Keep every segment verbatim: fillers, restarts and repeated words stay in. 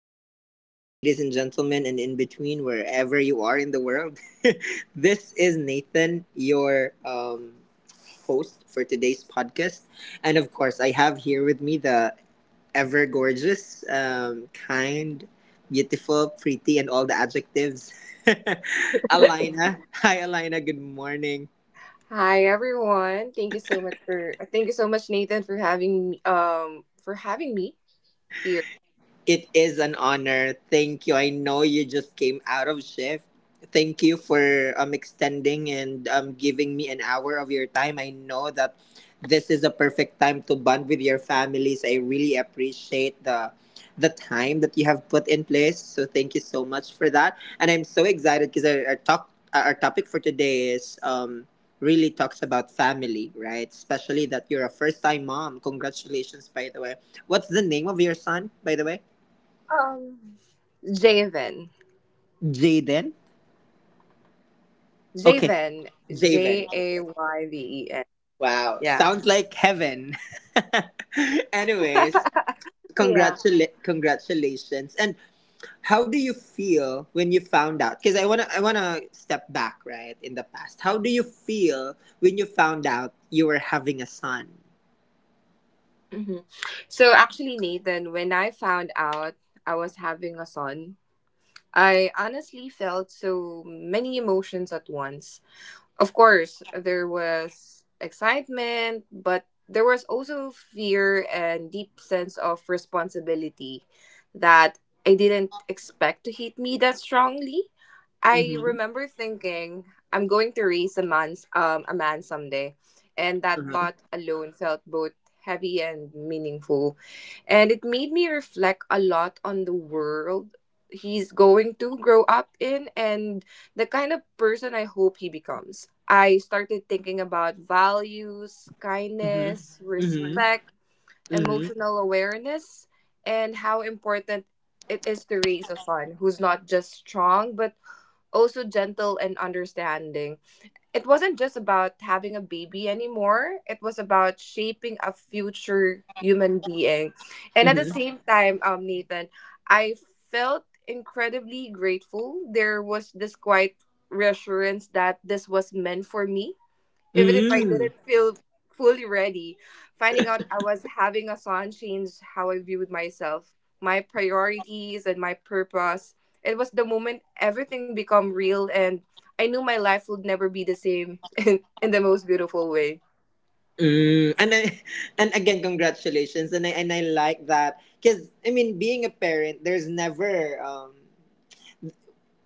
afternoon, um, ladies and gentlemen, and in between, wherever you are in the world. This is Nathan, your um, host for today's podcast. And of course, I have here with me the ever gorgeous, um, kind, beautiful, pretty, and all the adjectives, Alina. Hi, Alina. Good morning. Hi everyone. Thank you so much for uh, thank you so much Nathan for having me um for having me here. It is an honor. Thank you. I know you just came out of shift. Thank you for um extending and um giving me an hour of your time. I know that this is a perfect time to bond with your families. I really appreciate the the time that you have put in place. So thank you so much for that. And I'm so excited because our, our talk our topic for today is um really talks about family, right? Especially that you're a first time mom. Congratulations by the way. What's the name of your son, by the way? Um Javen. Jaden? Okay. Javen. Javen. J A Okay. Y V E N. Wow. Yeah. Sounds like heaven. Anyways, Yeah. congratula- congratulations. And how do you feel when you found out? Because I wanna I wanna step back, right, in the past. How do you feel when you found out you were having a son? hmm So actually Nathan, when I found out I was having a son, I honestly felt so many emotions at once. Of course, there was excitement, but there was also fear and deep sense of responsibility that I didn't expect to hit me that strongly. I Mm-hmm. remember thinking, I'm going to raise a man, um, a man someday, and that Mm-hmm. thought alone felt both heavy and meaningful, and it made me reflect a lot on the world he's going to grow up in and the kind of person I hope he becomes. I started thinking about values, Mm-hmm. kindness, Mm-hmm. respect, Mm-hmm. emotional awareness, and how important it is to raise a son who's not just strong, but also gentle and understanding. It wasn't just about having a baby anymore, it was about shaping a future human being. And at the Mm-hmm. same time, um, Nathan, I felt incredibly grateful. There was this quiet reassurance that this was meant for me even if I Mm-hmm. didn't feel fully ready. Finding out I was having a son changed how I viewed myself, my priorities, and my purpose. It was the moment everything became real, and I knew my life would never be the same in, in the most beautiful way. Mm, and I, and again, congratulations. And I and I like that because I mean, being a parent, there's never um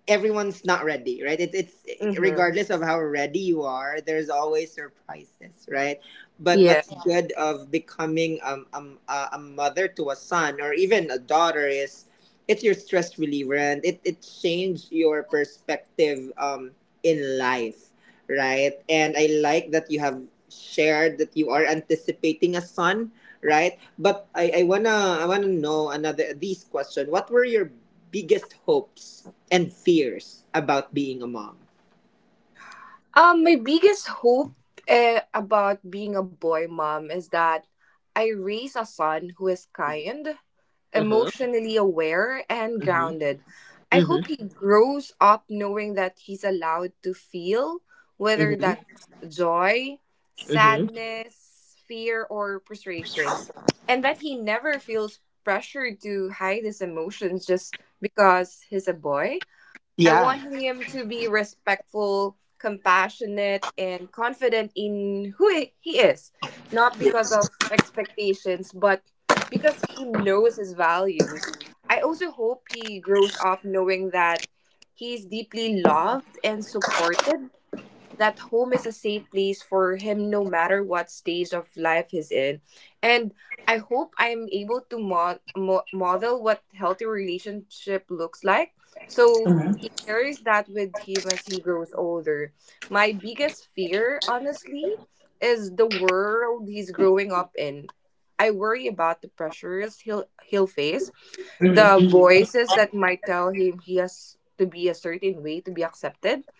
everyone's not ready, right? It's it's Mm-hmm. regardless of how ready you are, there's always surprises, right? But Yeah. what's, yeah, good of becoming um, um a a mother to a son or even a daughter is it's your stress reliever and it it changed your perspective um in life, right? And I like that you have shared that you are anticipating a son, right? But I I wanna I wanna know another this question. What were your biggest hopes and fears about being a mom? Um, my biggest hope uh, about being a boy mom is that I raise a son who is kind, Uh huh. emotionally aware and Mm-hmm. grounded. I Mm-hmm. hope he grows up knowing that he's allowed to feel, whether Mm-hmm. that's joy, Mm-hmm. sadness, fear, or frustrations, and that he never feels pressure to hide his emotions just because he's a boy. I Yeah. want him to be respectful, compassionate, and confident in who he he is, not because of expectations, but because he knows his values. I also hope he grows up knowing that he's deeply loved and supported that home is a safe place for him no matter what stage of life he's in. And I hope I'm able to mod- mo- model what healthy relationship looks like. So he carries that with him as he grows older. My biggest fear, honestly, is the world he's growing up in. I worry about the pressures he'll he'll face, the voices that might tell him he has to be a certain way to be accepted.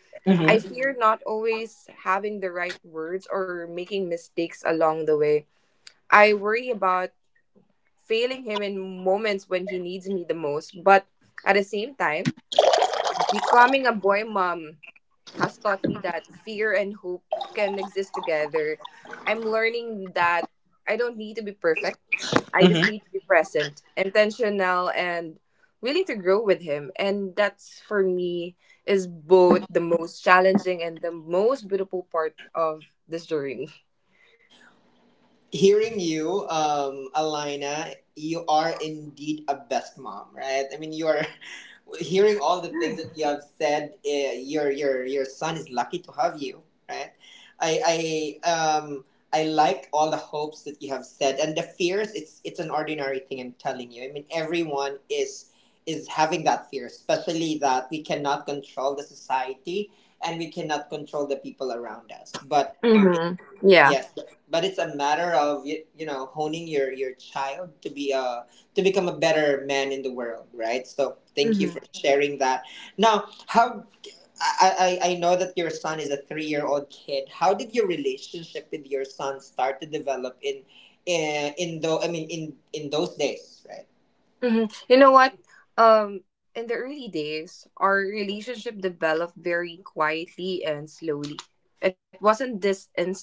I fear not always having the right words or making mistakes along the way. I worry about failing him in moments when he needs me the most, but at the same time, becoming a boy mom has taught me that fear and hope can exist together. I'm learning that I don't need to be perfect. I just need to be present, intentional, and willing to grow with him. And that's for me is both the most challenging and the most beautiful part of this journey. Hearing you, um, Alina, you are indeed a best mom, right? I mean, you are hearing all the things that you have said. Uh, your your your son is lucky to have you, right? I I um I like all the hopes that you have said and the fears. It's it's an ordinary thing. I'm telling you. I mean, everyone is is having that fear, especially that we cannot control the society and we cannot control the people around us. But um, Mm-hmm. Yeah. yes, but but it's a matter of you, you know honing your your child to be a to become a better man in the world, right? So thank you for sharing that. Now, how I I, I know that your son is a three year old kid. How did your relationship with your son start to develop in in in though I mean in in those days, right? hmm You know what? Um, in the early days, our relationship developed very quietly and slowly. It wasn't this instant,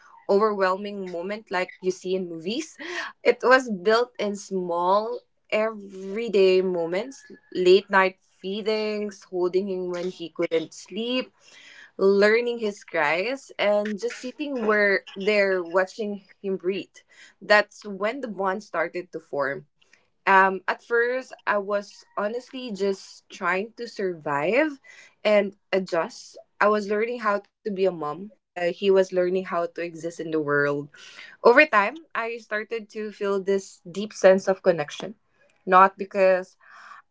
overwhelming moment like you see in movies. It was built in small, everyday moments, late night feedings, holding him when he couldn't sleep, learning his cries and just sitting where there, watching him breathe. That's when the bond started to form. Um, at first, I was honestly just trying to survive and adjust. I was learning how to be a mom while he was learning how to exist in the world. Over time, I started to feel this deep sense of connection, not because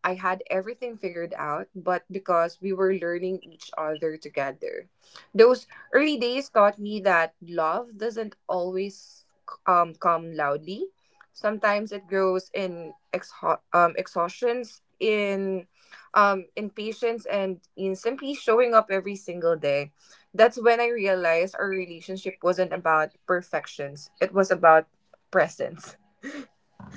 I had everything figured out, but because we were learning each other together. Those early days taught me that love doesn't always um, come loudly. Sometimes it grows in exha- um, exhaustions, in um, in patience, and in simply showing up every single day. That's when I realized our relationship wasn't about perfections, it was about presence.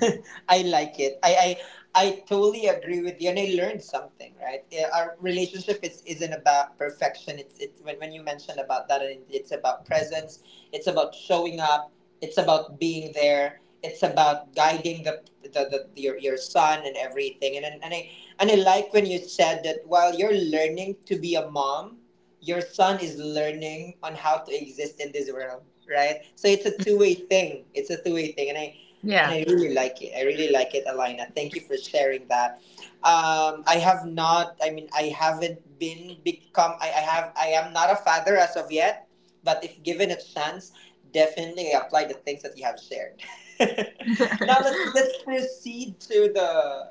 I like it. I, I I totally agree with you, and I learned something. Right, yeah, our relationship is isn't about perfection. It's it's when, when you mentioned about that, and it's about presence. It's about showing up. It's about being there. It's about guiding the the, the your your son and everything. And and and I and I like when you said that while you're learning to be a mom, your son is learning on how to exist in this world. Right, so it's a two way thing. It's a two way thing, and I and Yeah. I really like it. I really like it, Alina. Thank you for sharing that. Um, I have not. I mean, I haven't been become. I, I have. I am not a father as of yet, but if given a chance, definitely apply the things that you have shared. Now let's let's proceed to the.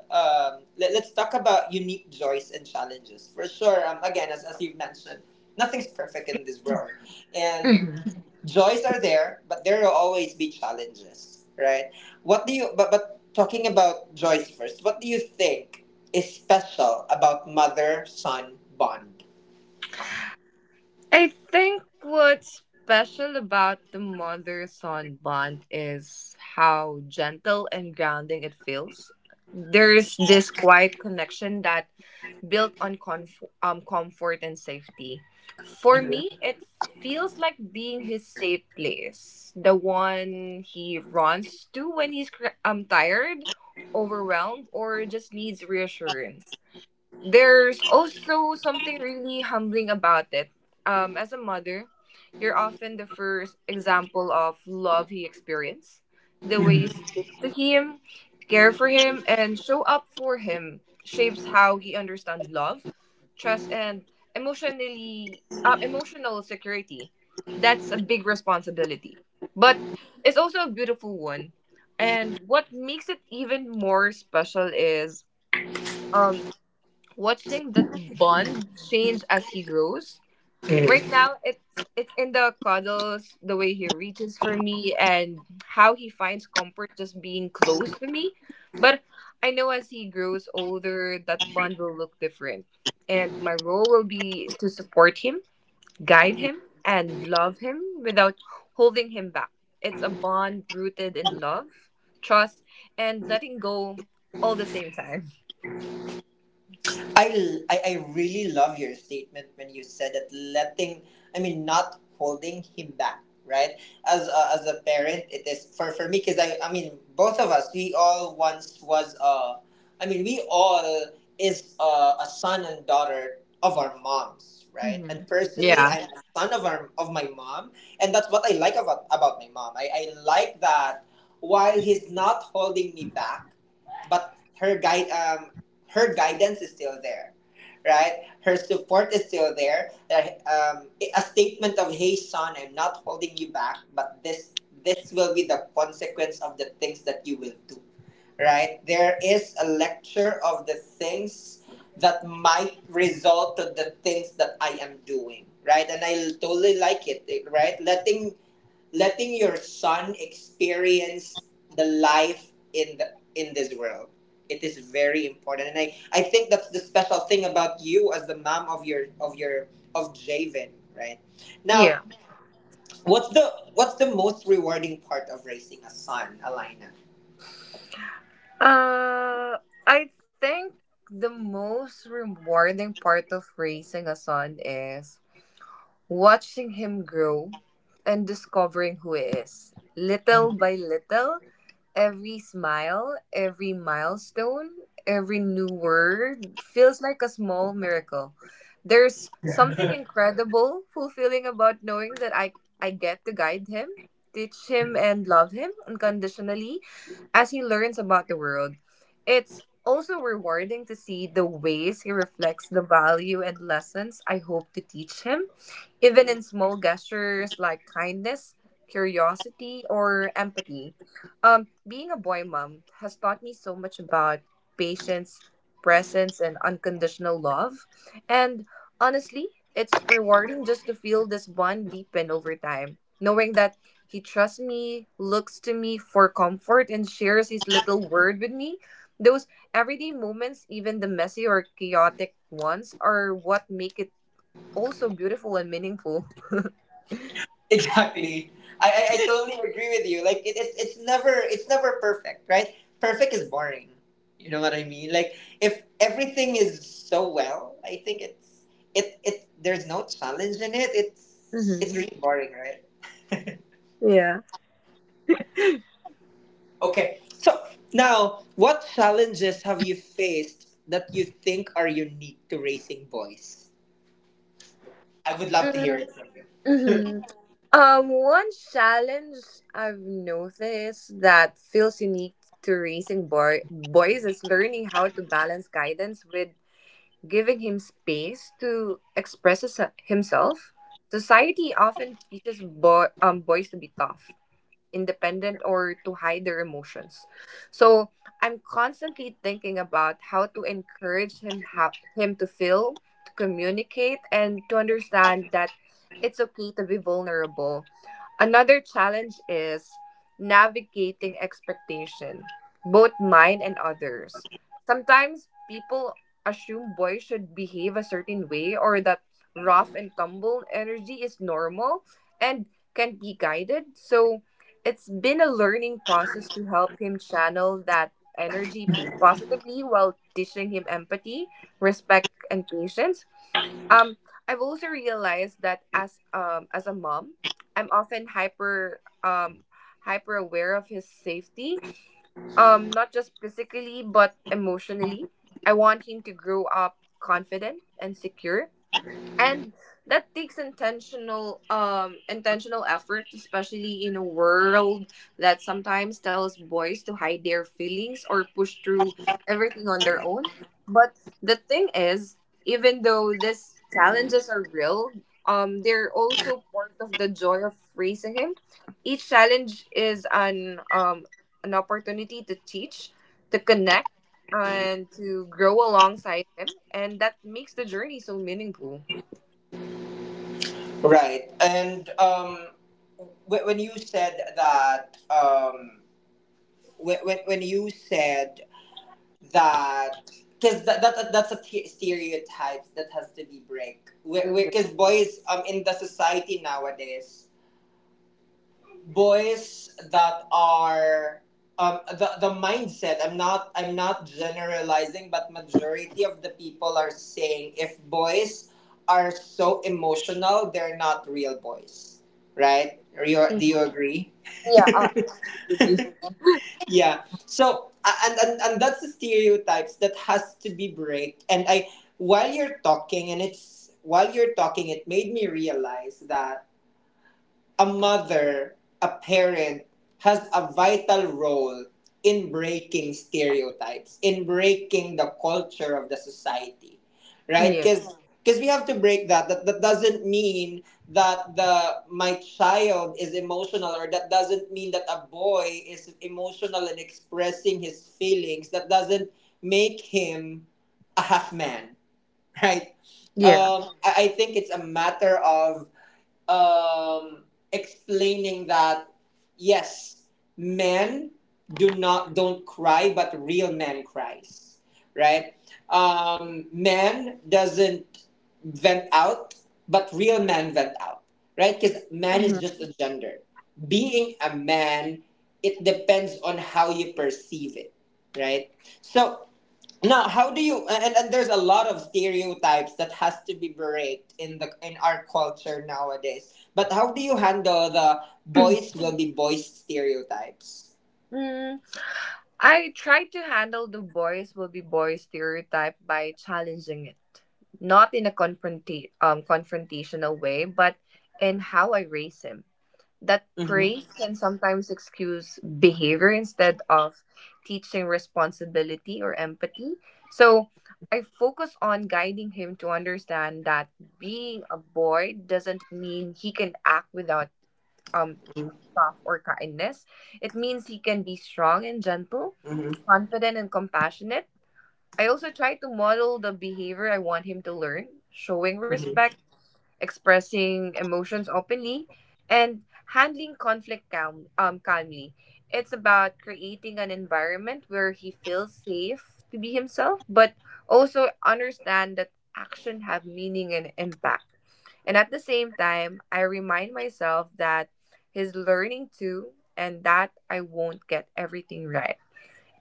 Um, let, let's talk about unique joys and challenges for sure. Um, again, as as you've mentioned, nothing's perfect in this world, and joys are there, but there will always be challenges, right? What do you but but Talking about joys first? What do you think is special about mother son bond? I think what's special about the mother son bond is how gentle and grounding it feels. There's this quiet connection that built on conf- um, comfort and safety. For me, it feels like being his safe place, the one he runs to when he's cr- um, tired, overwhelmed, or just needs reassurance. There's also something really humbling about it. Um, as a mother, you're often the first example of love he experienced. The way you Mm-hmm. speak to him, care for him, and show up for him shapes how he understands love, trust, and emotionally uh, emotional security. That's a big responsibility, but it's also a beautiful one. And what makes it even more special is um watching that bond change as he grows. Right now, it's it's in the cuddles, the way he reaches for me, and how he finds comfort just being close to me. But I know as he grows older, that bond will look different, and my role will be to support him, guide him, and love him without holding him back. It's a bond rooted in love, trust, and letting go all the same time. I, l- I- I really love your statement when you said that letting, I mean, not holding him back, right? As a, as a parent, it is for, for me, because I, I mean, both of us, we all once was, uh, I mean, we all is uh, a son and daughter of our moms, right? hmm And personally, Yeah. I'm a son of, our, of my mom, and that's what I like about, about my mom. I, I like that while he's not holding me back, but her guide um her guidance is still there, right? Her support is still there, that um, a statement of hey son, I'm not holding you back, but this this will be the consequence of the things that you will do, right? There is a lecture of the things that might result to the things that I am doing, right? and I totally like it, right? Letting letting your son experience the life in the in this world, it is very important, and I I think that's the special thing about you as the mom of your of your of Javen, right? Yeah. Now what's the what's the most rewarding part of raising a son, Alaina? Uh, I think the most rewarding part of raising a son is watching him grow and discovering who he is. Little by little, every smile, every milestone, every new word feels like a small miracle. There's something incredible, fulfilling about knowing that I, I get to guide him, teach him, and love him unconditionally as he learns about the world, it's also rewarding to see the ways he reflects the value and lessons I hope to teach him even in small gestures like kindness, curiosity, or empathy. Um, being a boy mom has taught me so much about patience, presence, and unconditional love. And honestly, it's rewarding just to feel this bond deepen over time, knowing that he trusts me, looks to me for comfort, and shares his little word with me. Those everyday moments, even the messy or chaotic ones, are what make it also beautiful and meaningful. Exactly. I, I, I totally agree with you. Like it, it it's never it's never perfect, right? Perfect is boring. You know what I mean? Like if everything is so well, I think it's it it there's no challenge in it. It's Mhm. it's really boring, right? Yeah. Okay. So now what challenges have you faced that you think are unique to racing boys? I would love to hear it from you. Mm-hmm. Um, one challenge I've noticed that feels unique to raising boy boys is learning how to balance guidance with giving him space to express his- himself. Society often teaches boy um boys to be tough, independent or to hide their emotions. So I'm constantly thinking about how to encourage him how him to feel, to communicate, and to understand that it's okay to be vulnerable. Another challenge is navigating expectation, both mine and others. Sometimes people assume boys should behave a certain way or that rough and tumble energy is normal and can be guided. So it's been a learning process to help him channel that energy positively while teaching him empathy, respect, and patience. Um, I've also realized that as um as a mom, I'm often hyper um hyper aware of his safety, um not just physically but emotionally. I want him to grow up confident and secure and that takes intentional um intentional effort, especially in a world that sometimes tells boys to hide their feelings or push through everything on their own. But the thing is, even though these challenges are real, um they're also part of the joy of raising him. Each challenge is an um an opportunity to teach, to connect, and to grow alongside him, and that makes the journey so meaningful. Right. And um wh- when you said that um when, when when you said that because that, that that's a t- stereotype that has to be break Mhm. because boys um in the society nowadays, boys that are um the, the mindset, i'm not I'm not generalizing, but majority of the people are saying if boys are so emotional they're not real boys, right? You Mhm. do you agree. Yeah, I agree with you. Yeah. So a- and, and and that's the stereotypes that has to be break. And I while you're talking and it's while you're talking, it made me realize that a mother, a parent has a vital role in breaking stereotypes, in breaking the culture of the society, right? Yeah, Because because we have to break that. That that doesn't mean that the my child is emotional, or that doesn't mean that a boy is emotional and expressing his feelings. That doesn't make him a half man, right? yeah. Um, I I think it's a matter of um, explaining that yes, men do not don't cry, but real men cries, right? Um, men doesn't vent out, but real man vent out, right? Because man hmm is just a gender. Being a man, it depends on how you perceive it, right? So now, how do you and, and there's a lot of stereotypes that has to be breaked in the in our culture nowadays. But how do you handle the boys will be boys stereotypes? Mm. I try to handle the boys will be boys stereotype by challenging it, not in a confronta- um, confrontational way, but in how I raise him. That Mm-hmm. praise can sometimes excuse behavior instead of teaching responsibility or empathy. So I focus on guiding him to understand that being a boy doesn't mean he can act without um, tough or kindness. It means he can be strong and gentle, confident and compassionate. I also try to model the behavior I want him to learn, showing Mm-hmm. respect, expressing emotions openly, and handling conflict calm, um, calmly. It's about creating an environment where he feels safe to be himself, but also understand that action have meaning and impact. And at the same time, I remind myself that he's learning too, and that I won't get everything right.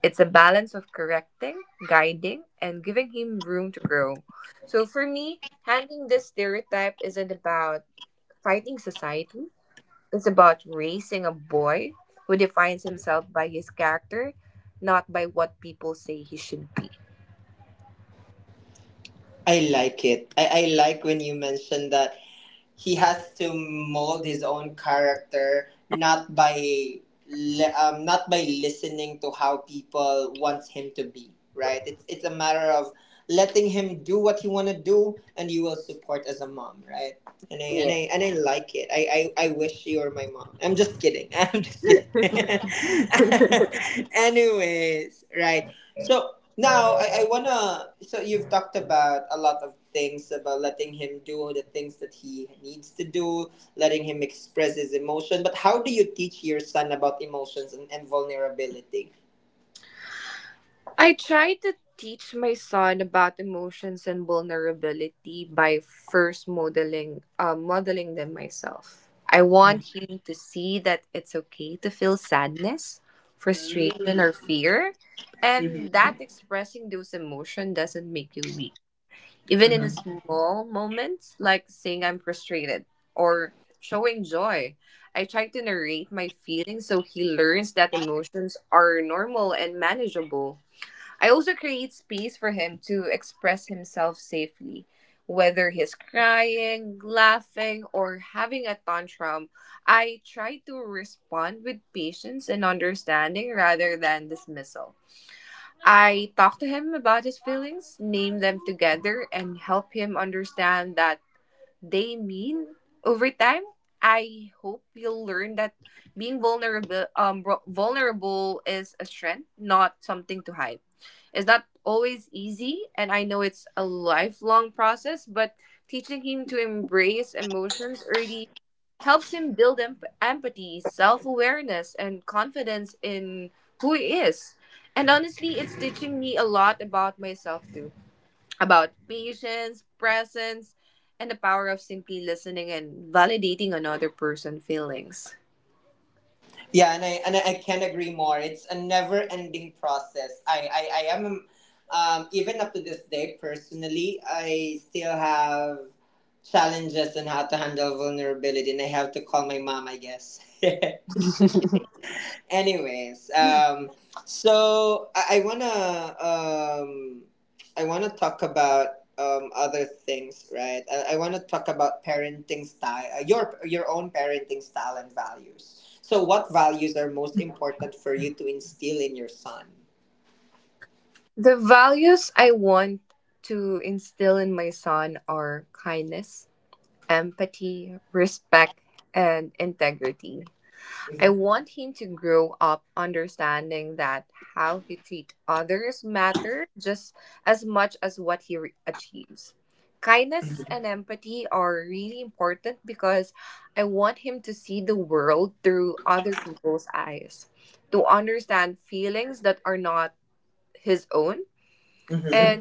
It's a balance of correcting, guiding. I like it. I, I like when you mentioned that he has to mold his own character not by li- um, not by listening to how people wants him to be, right? it's it's a matter of letting him do what you want to do, and you will support as a mom, right? and I and I and I like it. i i, I wish you were my mom, I'm just kidding. I'm just kidding. Anyways, right? So now, I, I wanna, so you've talked about a lot of things about letting him do the things that he needs to do, letting him express his emotion. But how do you teach your son about emotions and, and vulnerability? Mhm. Yeah, and I and I I can't agree more. It's a never ending process. I, I, I am um, even up to this day personally, I still have challenges in how to handle vulnerability, and I have to call my mom, I guess. Anyways, um, so I, I wanna um, I wanna talk about um, other things, right? I, I wanna talk about parenting style, uh, your your own parenting style and values. So, what values are most important for you to instill in your son? Mhm. Mhm.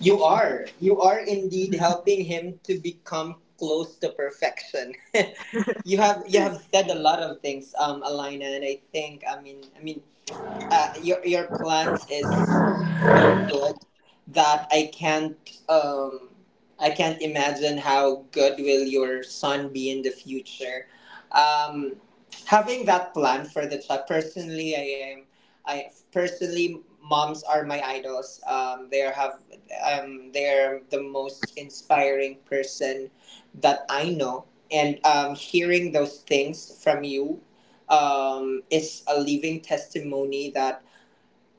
You are you are indeed helping him to become close to perfection. You have you have said a lot of things, um, Alina, and I think I mean I mean uh, your your plans is so good that I can't um I can't imagine how good will your son be in the future. Um, having that plan for the child personally, I am I personally moms are my idols. Um, they are have um they're the most inspiring person that I know, and um, hearing those things from you um, is a living testimony that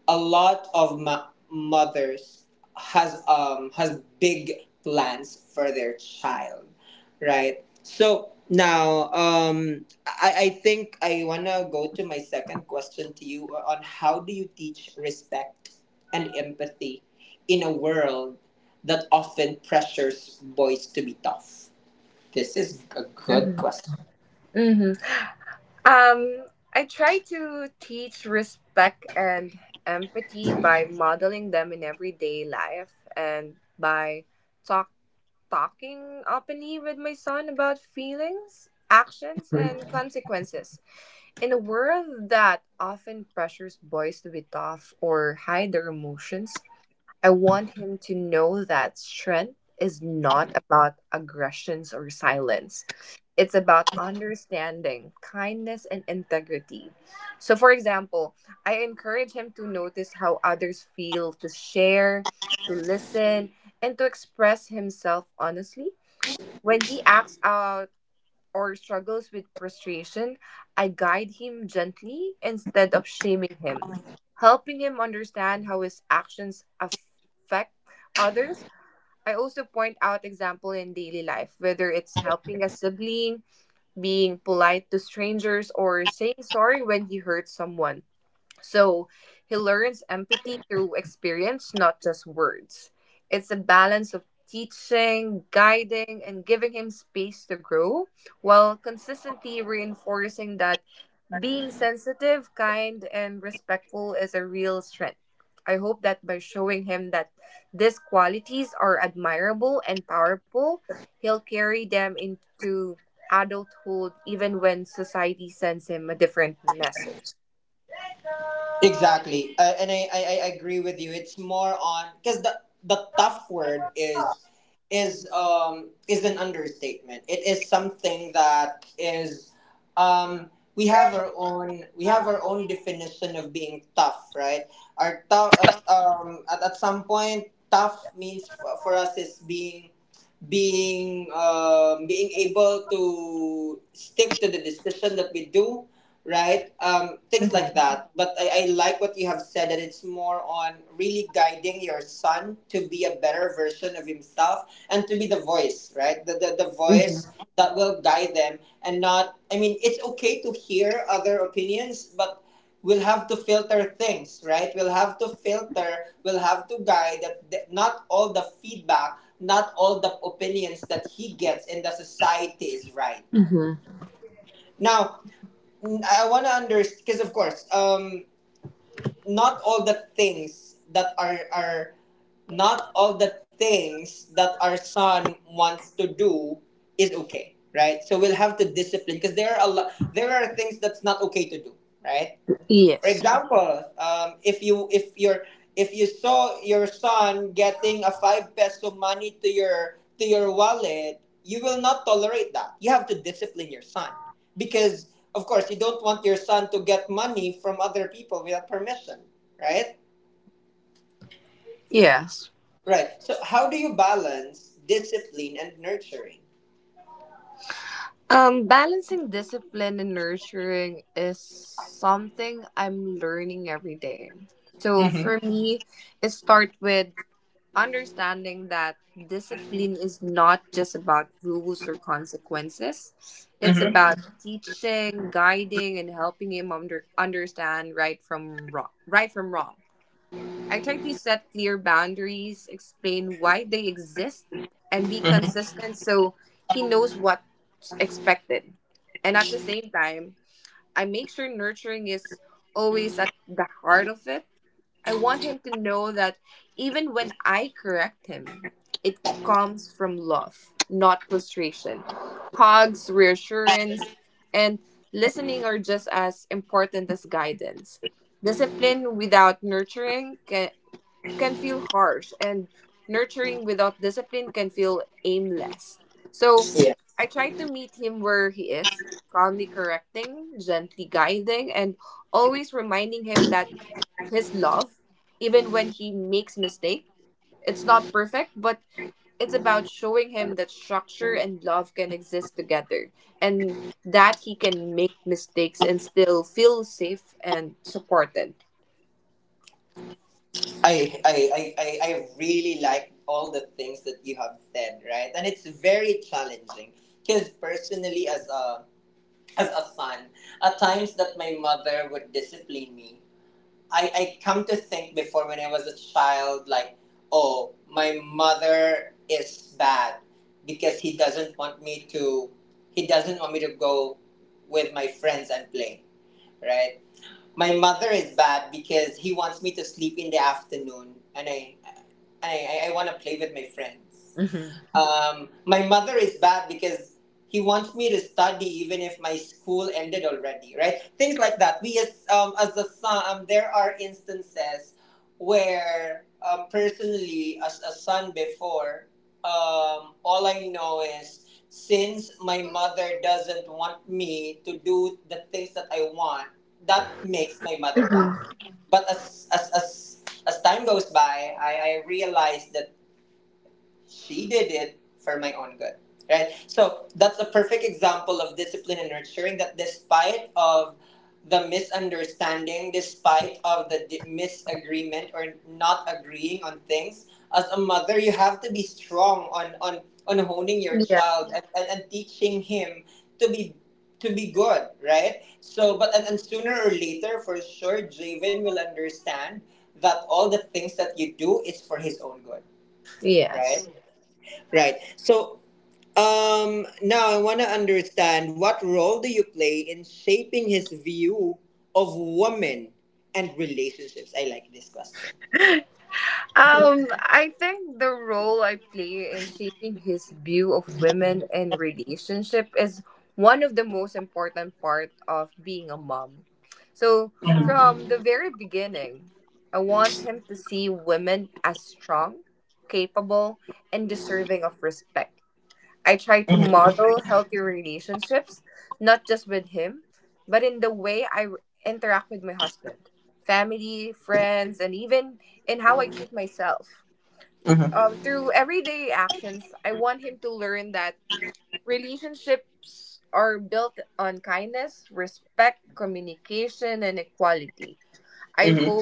a lot of ma- mothers has um has big plans for their child. Right so now um i i think I wanna go to my second question to you on how do you teach respect and empathy in a world that often pressures boys to be tough. This is a good question. Exactly, uh, and I, I I agree with you. It's more on because the the tough word is is um is an understatement. It is something that is um we have our own we have our own definition of being tough, right? Our tough at, um at, at some point tough means for, for us is being being um, being able to stick to the decision that we do, right? Um, things like that. But I, I like what you have said, that it's more on really guiding your son to be a better version of himself and to be the voice, right? The, the, the voice that will guide them. And not, I mean, it's okay to hear other opinions, but we'll have to filter things, right? We'll have to filter, we'll have to guide that, th- not all the feedback, not all the opinions that he gets in the society is right. Now, I want to understand because of course, um, not all the things that are are not all the things that our son wants to do is okay, right? So we'll have to discipline because there are a lot, there are things that's not okay to do, right? For example, um, if you if your if you saw your son getting a five peso money to your to your wallet, you will not tolerate that. You have to discipline your son because, of course, you don't want your son to get money from other people without permission, right? Right. So, how do you balance discipline and nurturing? Mm-hmm. Mm-hmm. Mm-hmm. Yeah. I, I, I, I I really like all the things that you have said, right? And it's very challenging because personally, as a as a son, at times that my mother would discipline me, I, I come to think before when I was a child, like, oh, my mother is bad because he doesn't want me to, he doesn't want me to go with my friends and play, right? My mother is bad because he wants me to sleep in the afternoon, and I I, I, I want to play with my friends. Um, my mother is bad because he wants me to study even if my school ended already, right? Things like that. We as um, as a son, um, there are instances where um, personally, as a son before, um, all I know is since my mother doesn't want me to do the things that I want, that makes my mother bad. But as as as as time goes by, I, I realized that she did it for my own good. Right? So that's a perfect example of discipline and nurturing, that despite of the misunderstanding, despite of the di- misagreement or not agreeing on things, as a mother you have to be strong on on, on honing your child and, and, and teaching him to be to be good, right? So but and, and sooner or later, for sure Javen will understand that all the things that you do is for his own good, right? Right. So um, now I want to understand, what role do you play in shaping his view of women and relationships? I like this question. Mm-hmm. Mm-hmm.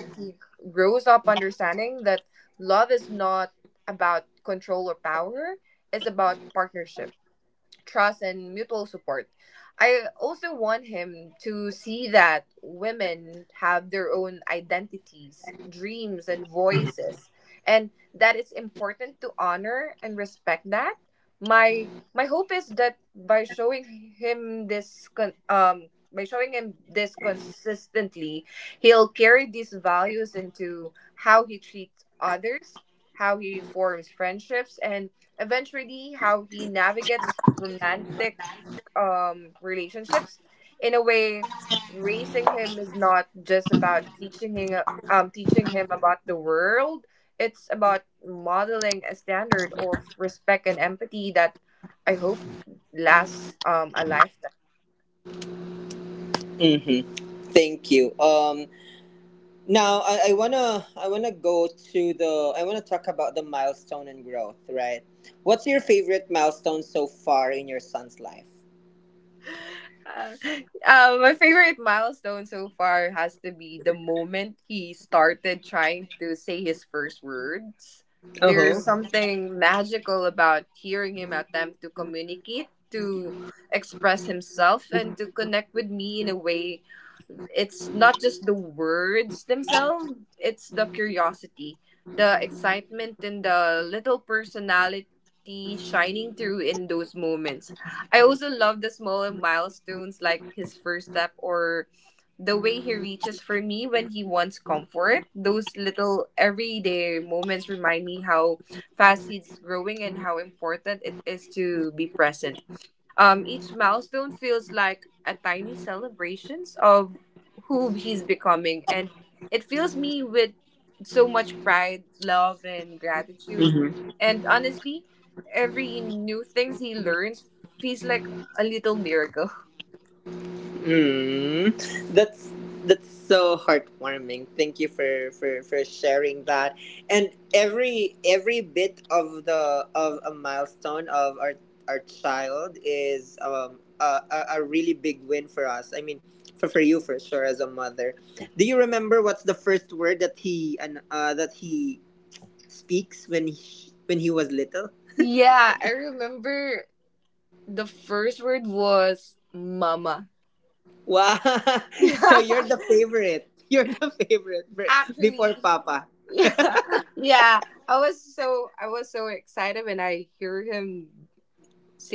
Mm-hmm. Thank you. Um, now I, I wanna I wanna go to the I wanna talk about the milestone and growth. Right. What's your favorite milestone so far in your son's life? Uh-huh. Mm, that's that's so heartwarming. Thank you for, for, for sharing that. And every every bit of the of a milestone of our our child is um a, a, a really big win for us. I mean, for for you for sure as a mother. Do you remember what's the first word that he and uh, that he speaks when he, when he was little? Wow! So you're the favorite. You're the favorite for- before Papa.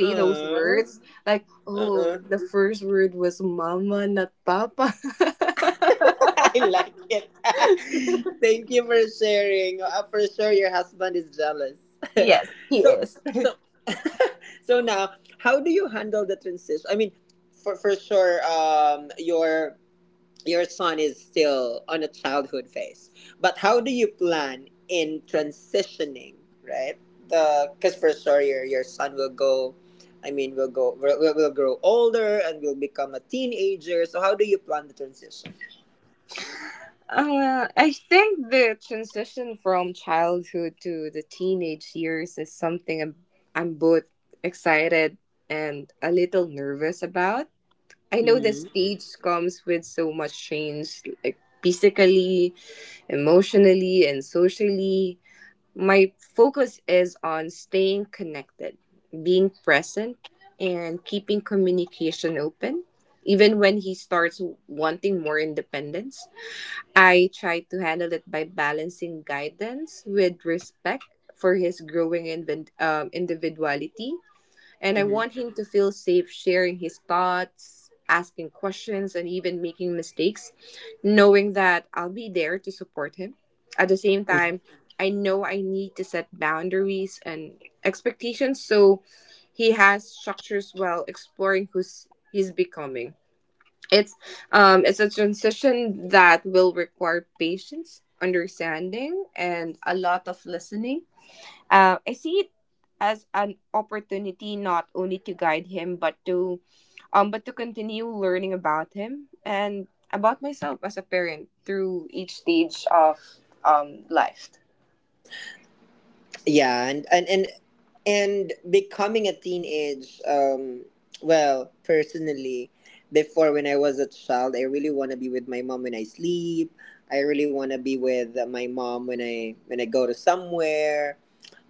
Uh, uh, I like it. Thank you for sharing. Uh, for sure, your husband is jealous. so, so, so now, how do you handle the transition? I mean, for for sure, um, your your son is still on a childhood phase, but how do you plan in transitioning, right? The because for sure your, your son will go, I mean will go, will, will will grow older and will become a teenager. So how do you plan the transition? Mm-hmm. Mm-hmm. Yeah. And and and, and becoming a teenage, um well, personally, before when I was a child, I really want to be with my mom when I sleep. I really want to be with my mom when i when I go to somewhere.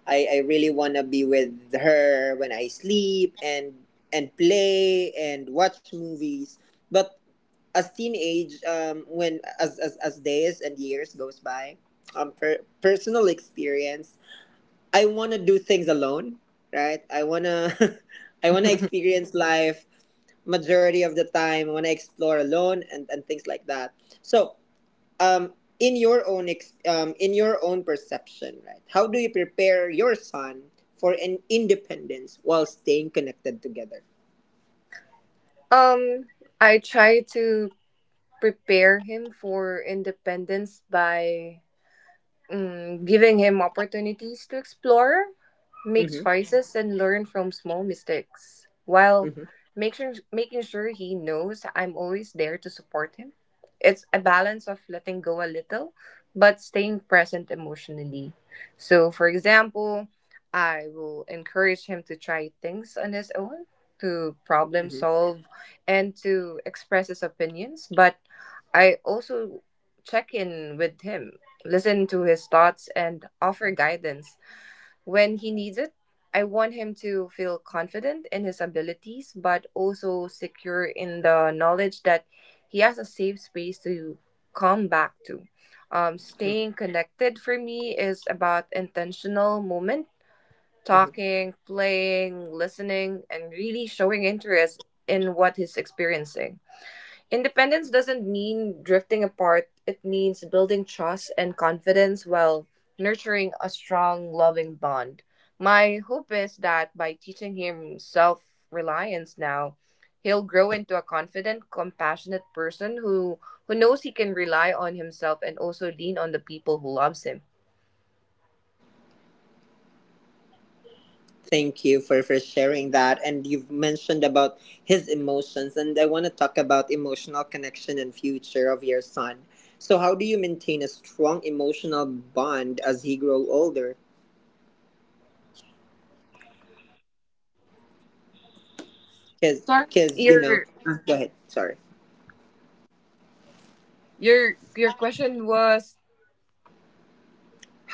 I i really want to be with her when I sleep and and play and watch movies. But as teenage, um when as as, as days and years goes by, um per, personal experience, I want to do things alone, right? I want to I want to experience life majority of the time. I want to explore alone and and things like that. So, um in your own ex- um in your own perception, right? How do you prepare your son for an independence while staying connected together? Mhm. Mhm. Mhm. Thank you for, for sharing that. And you've mentioned about his emotions, and I want to talk about emotional connection and future of your son. So, how do you maintain a strong emotional bond as he grow older? Because, because you know, uh, go ahead. Sorry.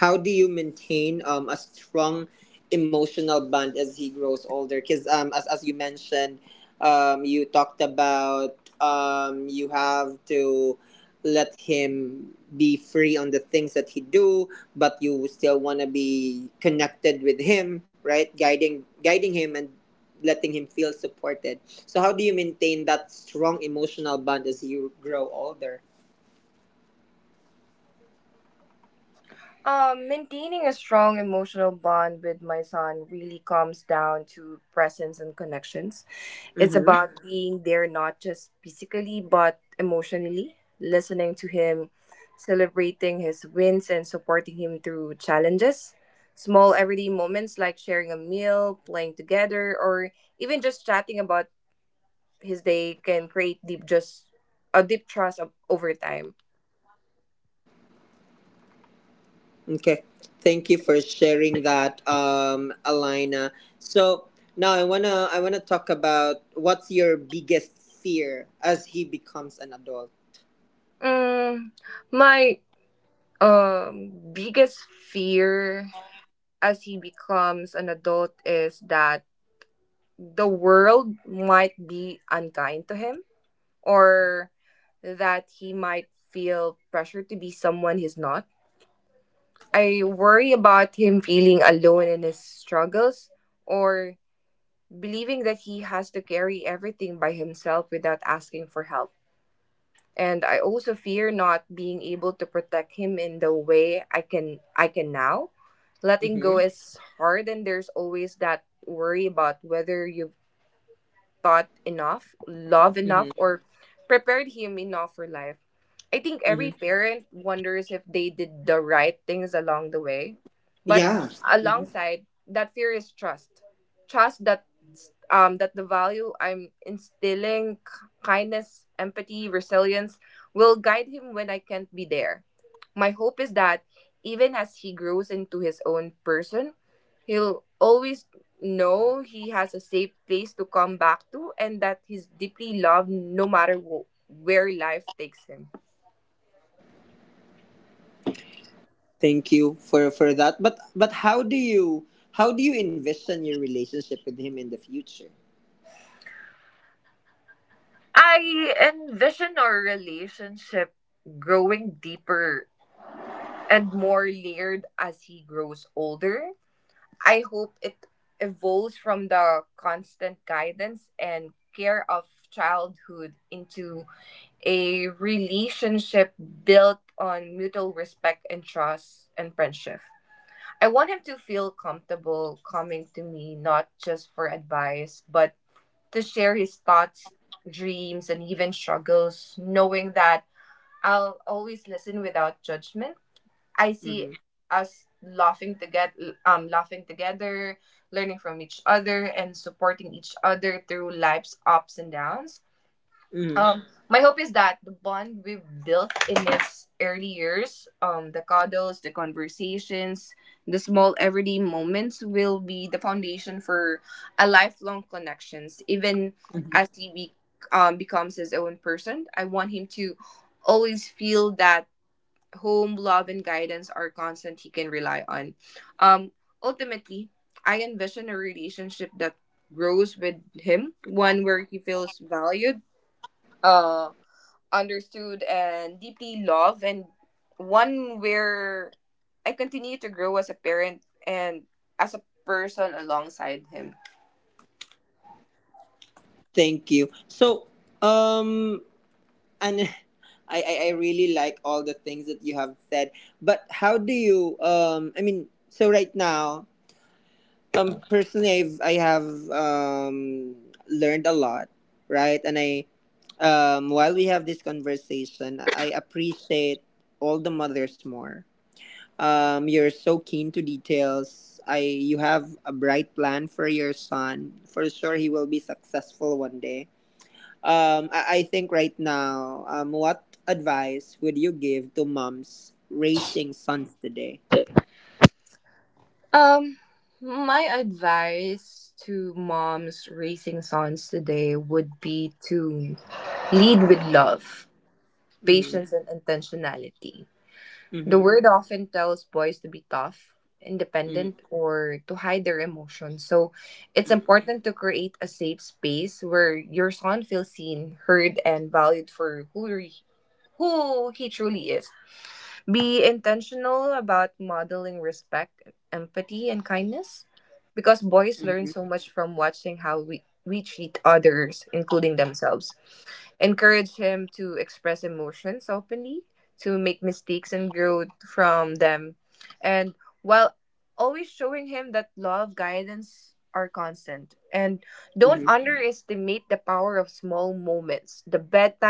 How do you maintain um, a strong emotional bond as he grows older, because um, as, as you mentioned, um, you talked about, um, you have to let him be free on the things that he do, but you still want to be connected with him, right? Guiding guiding him and letting him feel supported. So how do you maintain that strong emotional bond as you grow older? Okay, thank you for sharing that, um, Alina. So now I wanna I wanna talk about what's your biggest fear as he becomes an adult. Mm-hmm. Mm-hmm. Mm-hmm. Yeah. Hmm. Thank you for for that. But but how do you, how do you envision your relationship with him in the future? Mm-hmm. Mm-hmm. Thank you. So um and I, I i really like all the things that you have said. But how do you um i mean so right now, um personally i've i have um learned a lot, right? And i um while we have this conversation, I appreciate all the mothers more. Um you're so keen to details. I, you have a bright plan for your son. For sure he will be successful one day. um, I, I think right now, um, what advice would you give to moms raising sons today? Mm-hmm. Mm-hmm. Mm-hmm. Mm-hmm. Mm-hmm.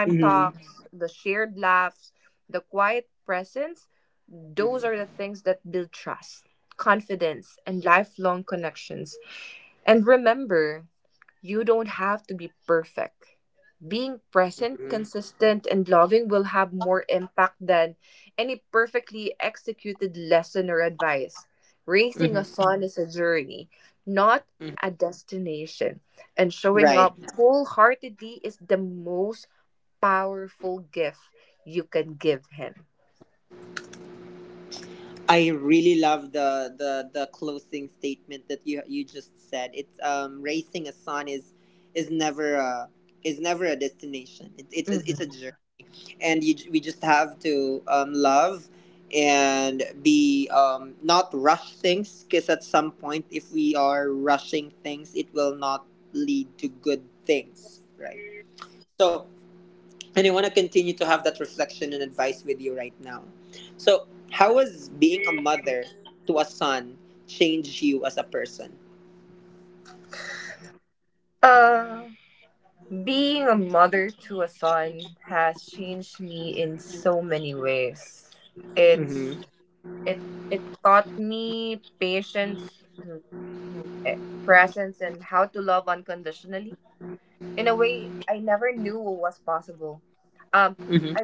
Mm-hmm. Mm-hmm. Mm-hmm. Mm-hmm. Right. I really love the, the the closing statement that you you just said. It's um raising a son is is never a is never a destination. It's it's a, it's a journey. And you, we just have to um, love and be um, not rush things, because at some point if we are rushing things it will not lead to good things, right? So, and I want to continue to have that reflection and advice with you right now. So, how has being a mother to a son changed you as a person? Mm-hmm. Mm-hmm.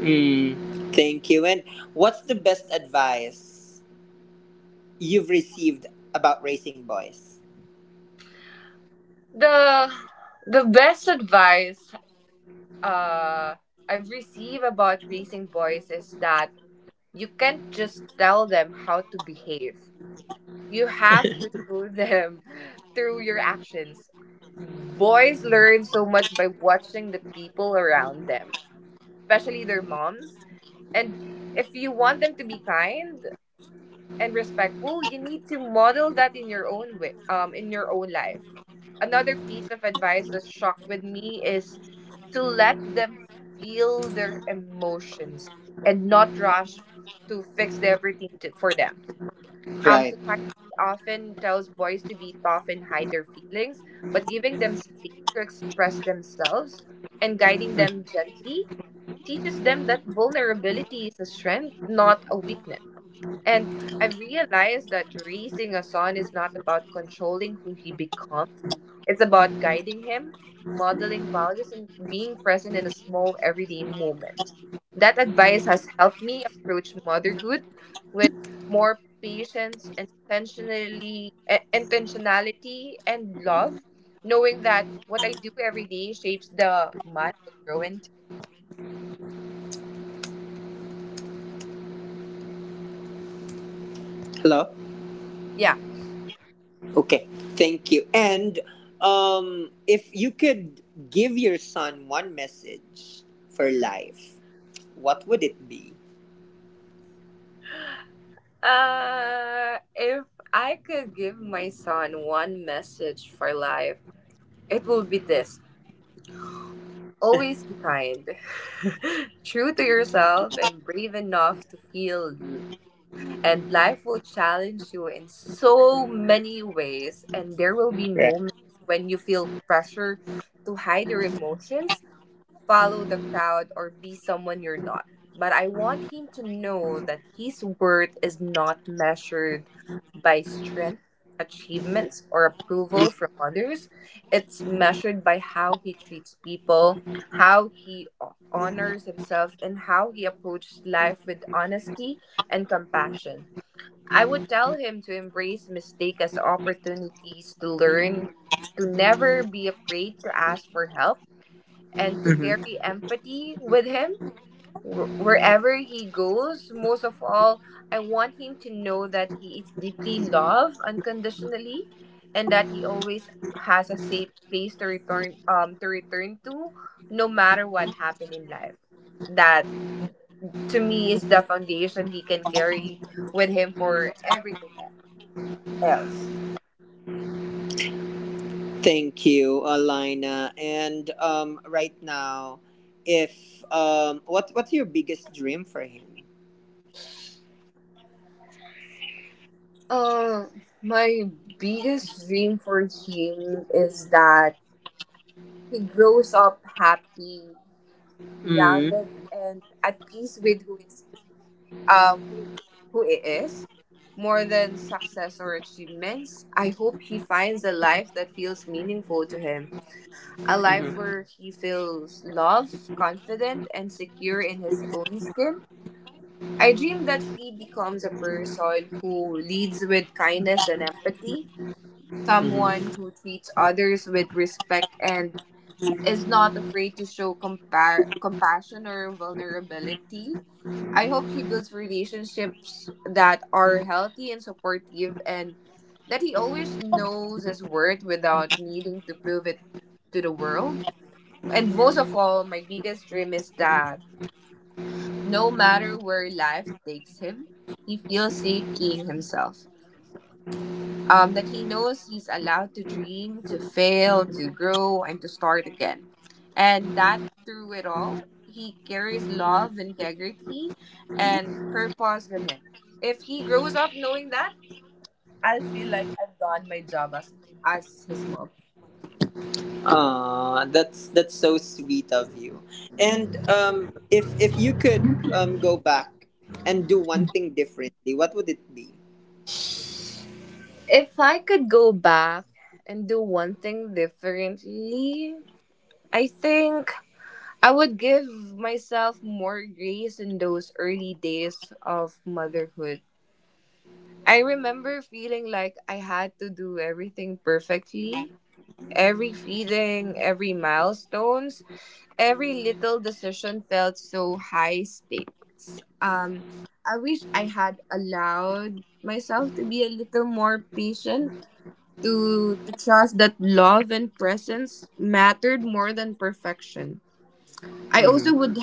Mm. Thank you. And what's the best advice you've received about raising boys? Right. Mm. Hello? Okay. Thank you. And um, if you could give your son one message for life, what would it be? Right. Mhm. Thank you, Alina. And um, right now, if um, what what's your biggest dream for him? Hmm. Mm-hmm. Ah, that's that's so sweet of you. And um, if if you could um go back and do one thing differently, what would it be? Hmm.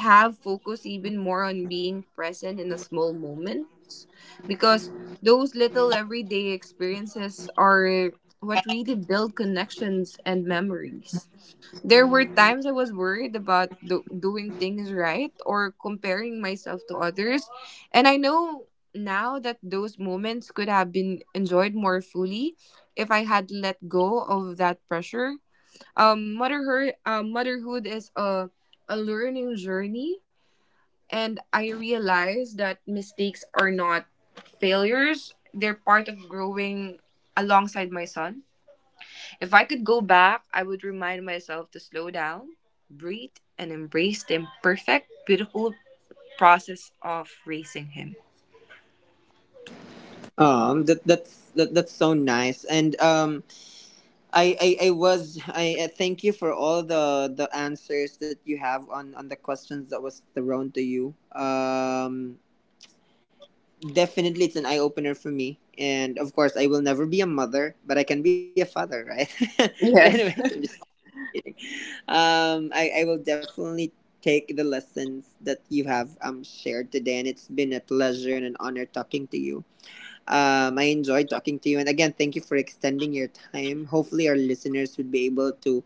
Um, that that's that, that's so nice. And um, I I, I was I, I thank you for all the the answers that you have on on the questions that was thrown to you. Um, definitely it's an eye opener for me. And of course, I will never be a mother, but I can be a father, right? But anyways, I'm just Um, I, I will definitely take the lessons that you have um shared today, and it's been a pleasure and an honor talking to you. Um, I enjoyed talking to you, and again, thank you for extending your time. Hopefully, our listeners would be able to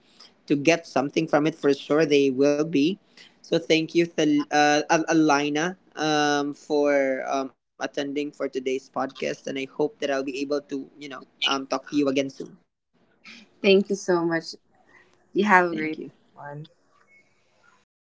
to get something from it. For sure they will be. So thank you, Thal- uh, Al- Alina, um, for um, attending for today's podcast, and I hope that I'll be able to you know um talk to you again soon. Thank you. Yep.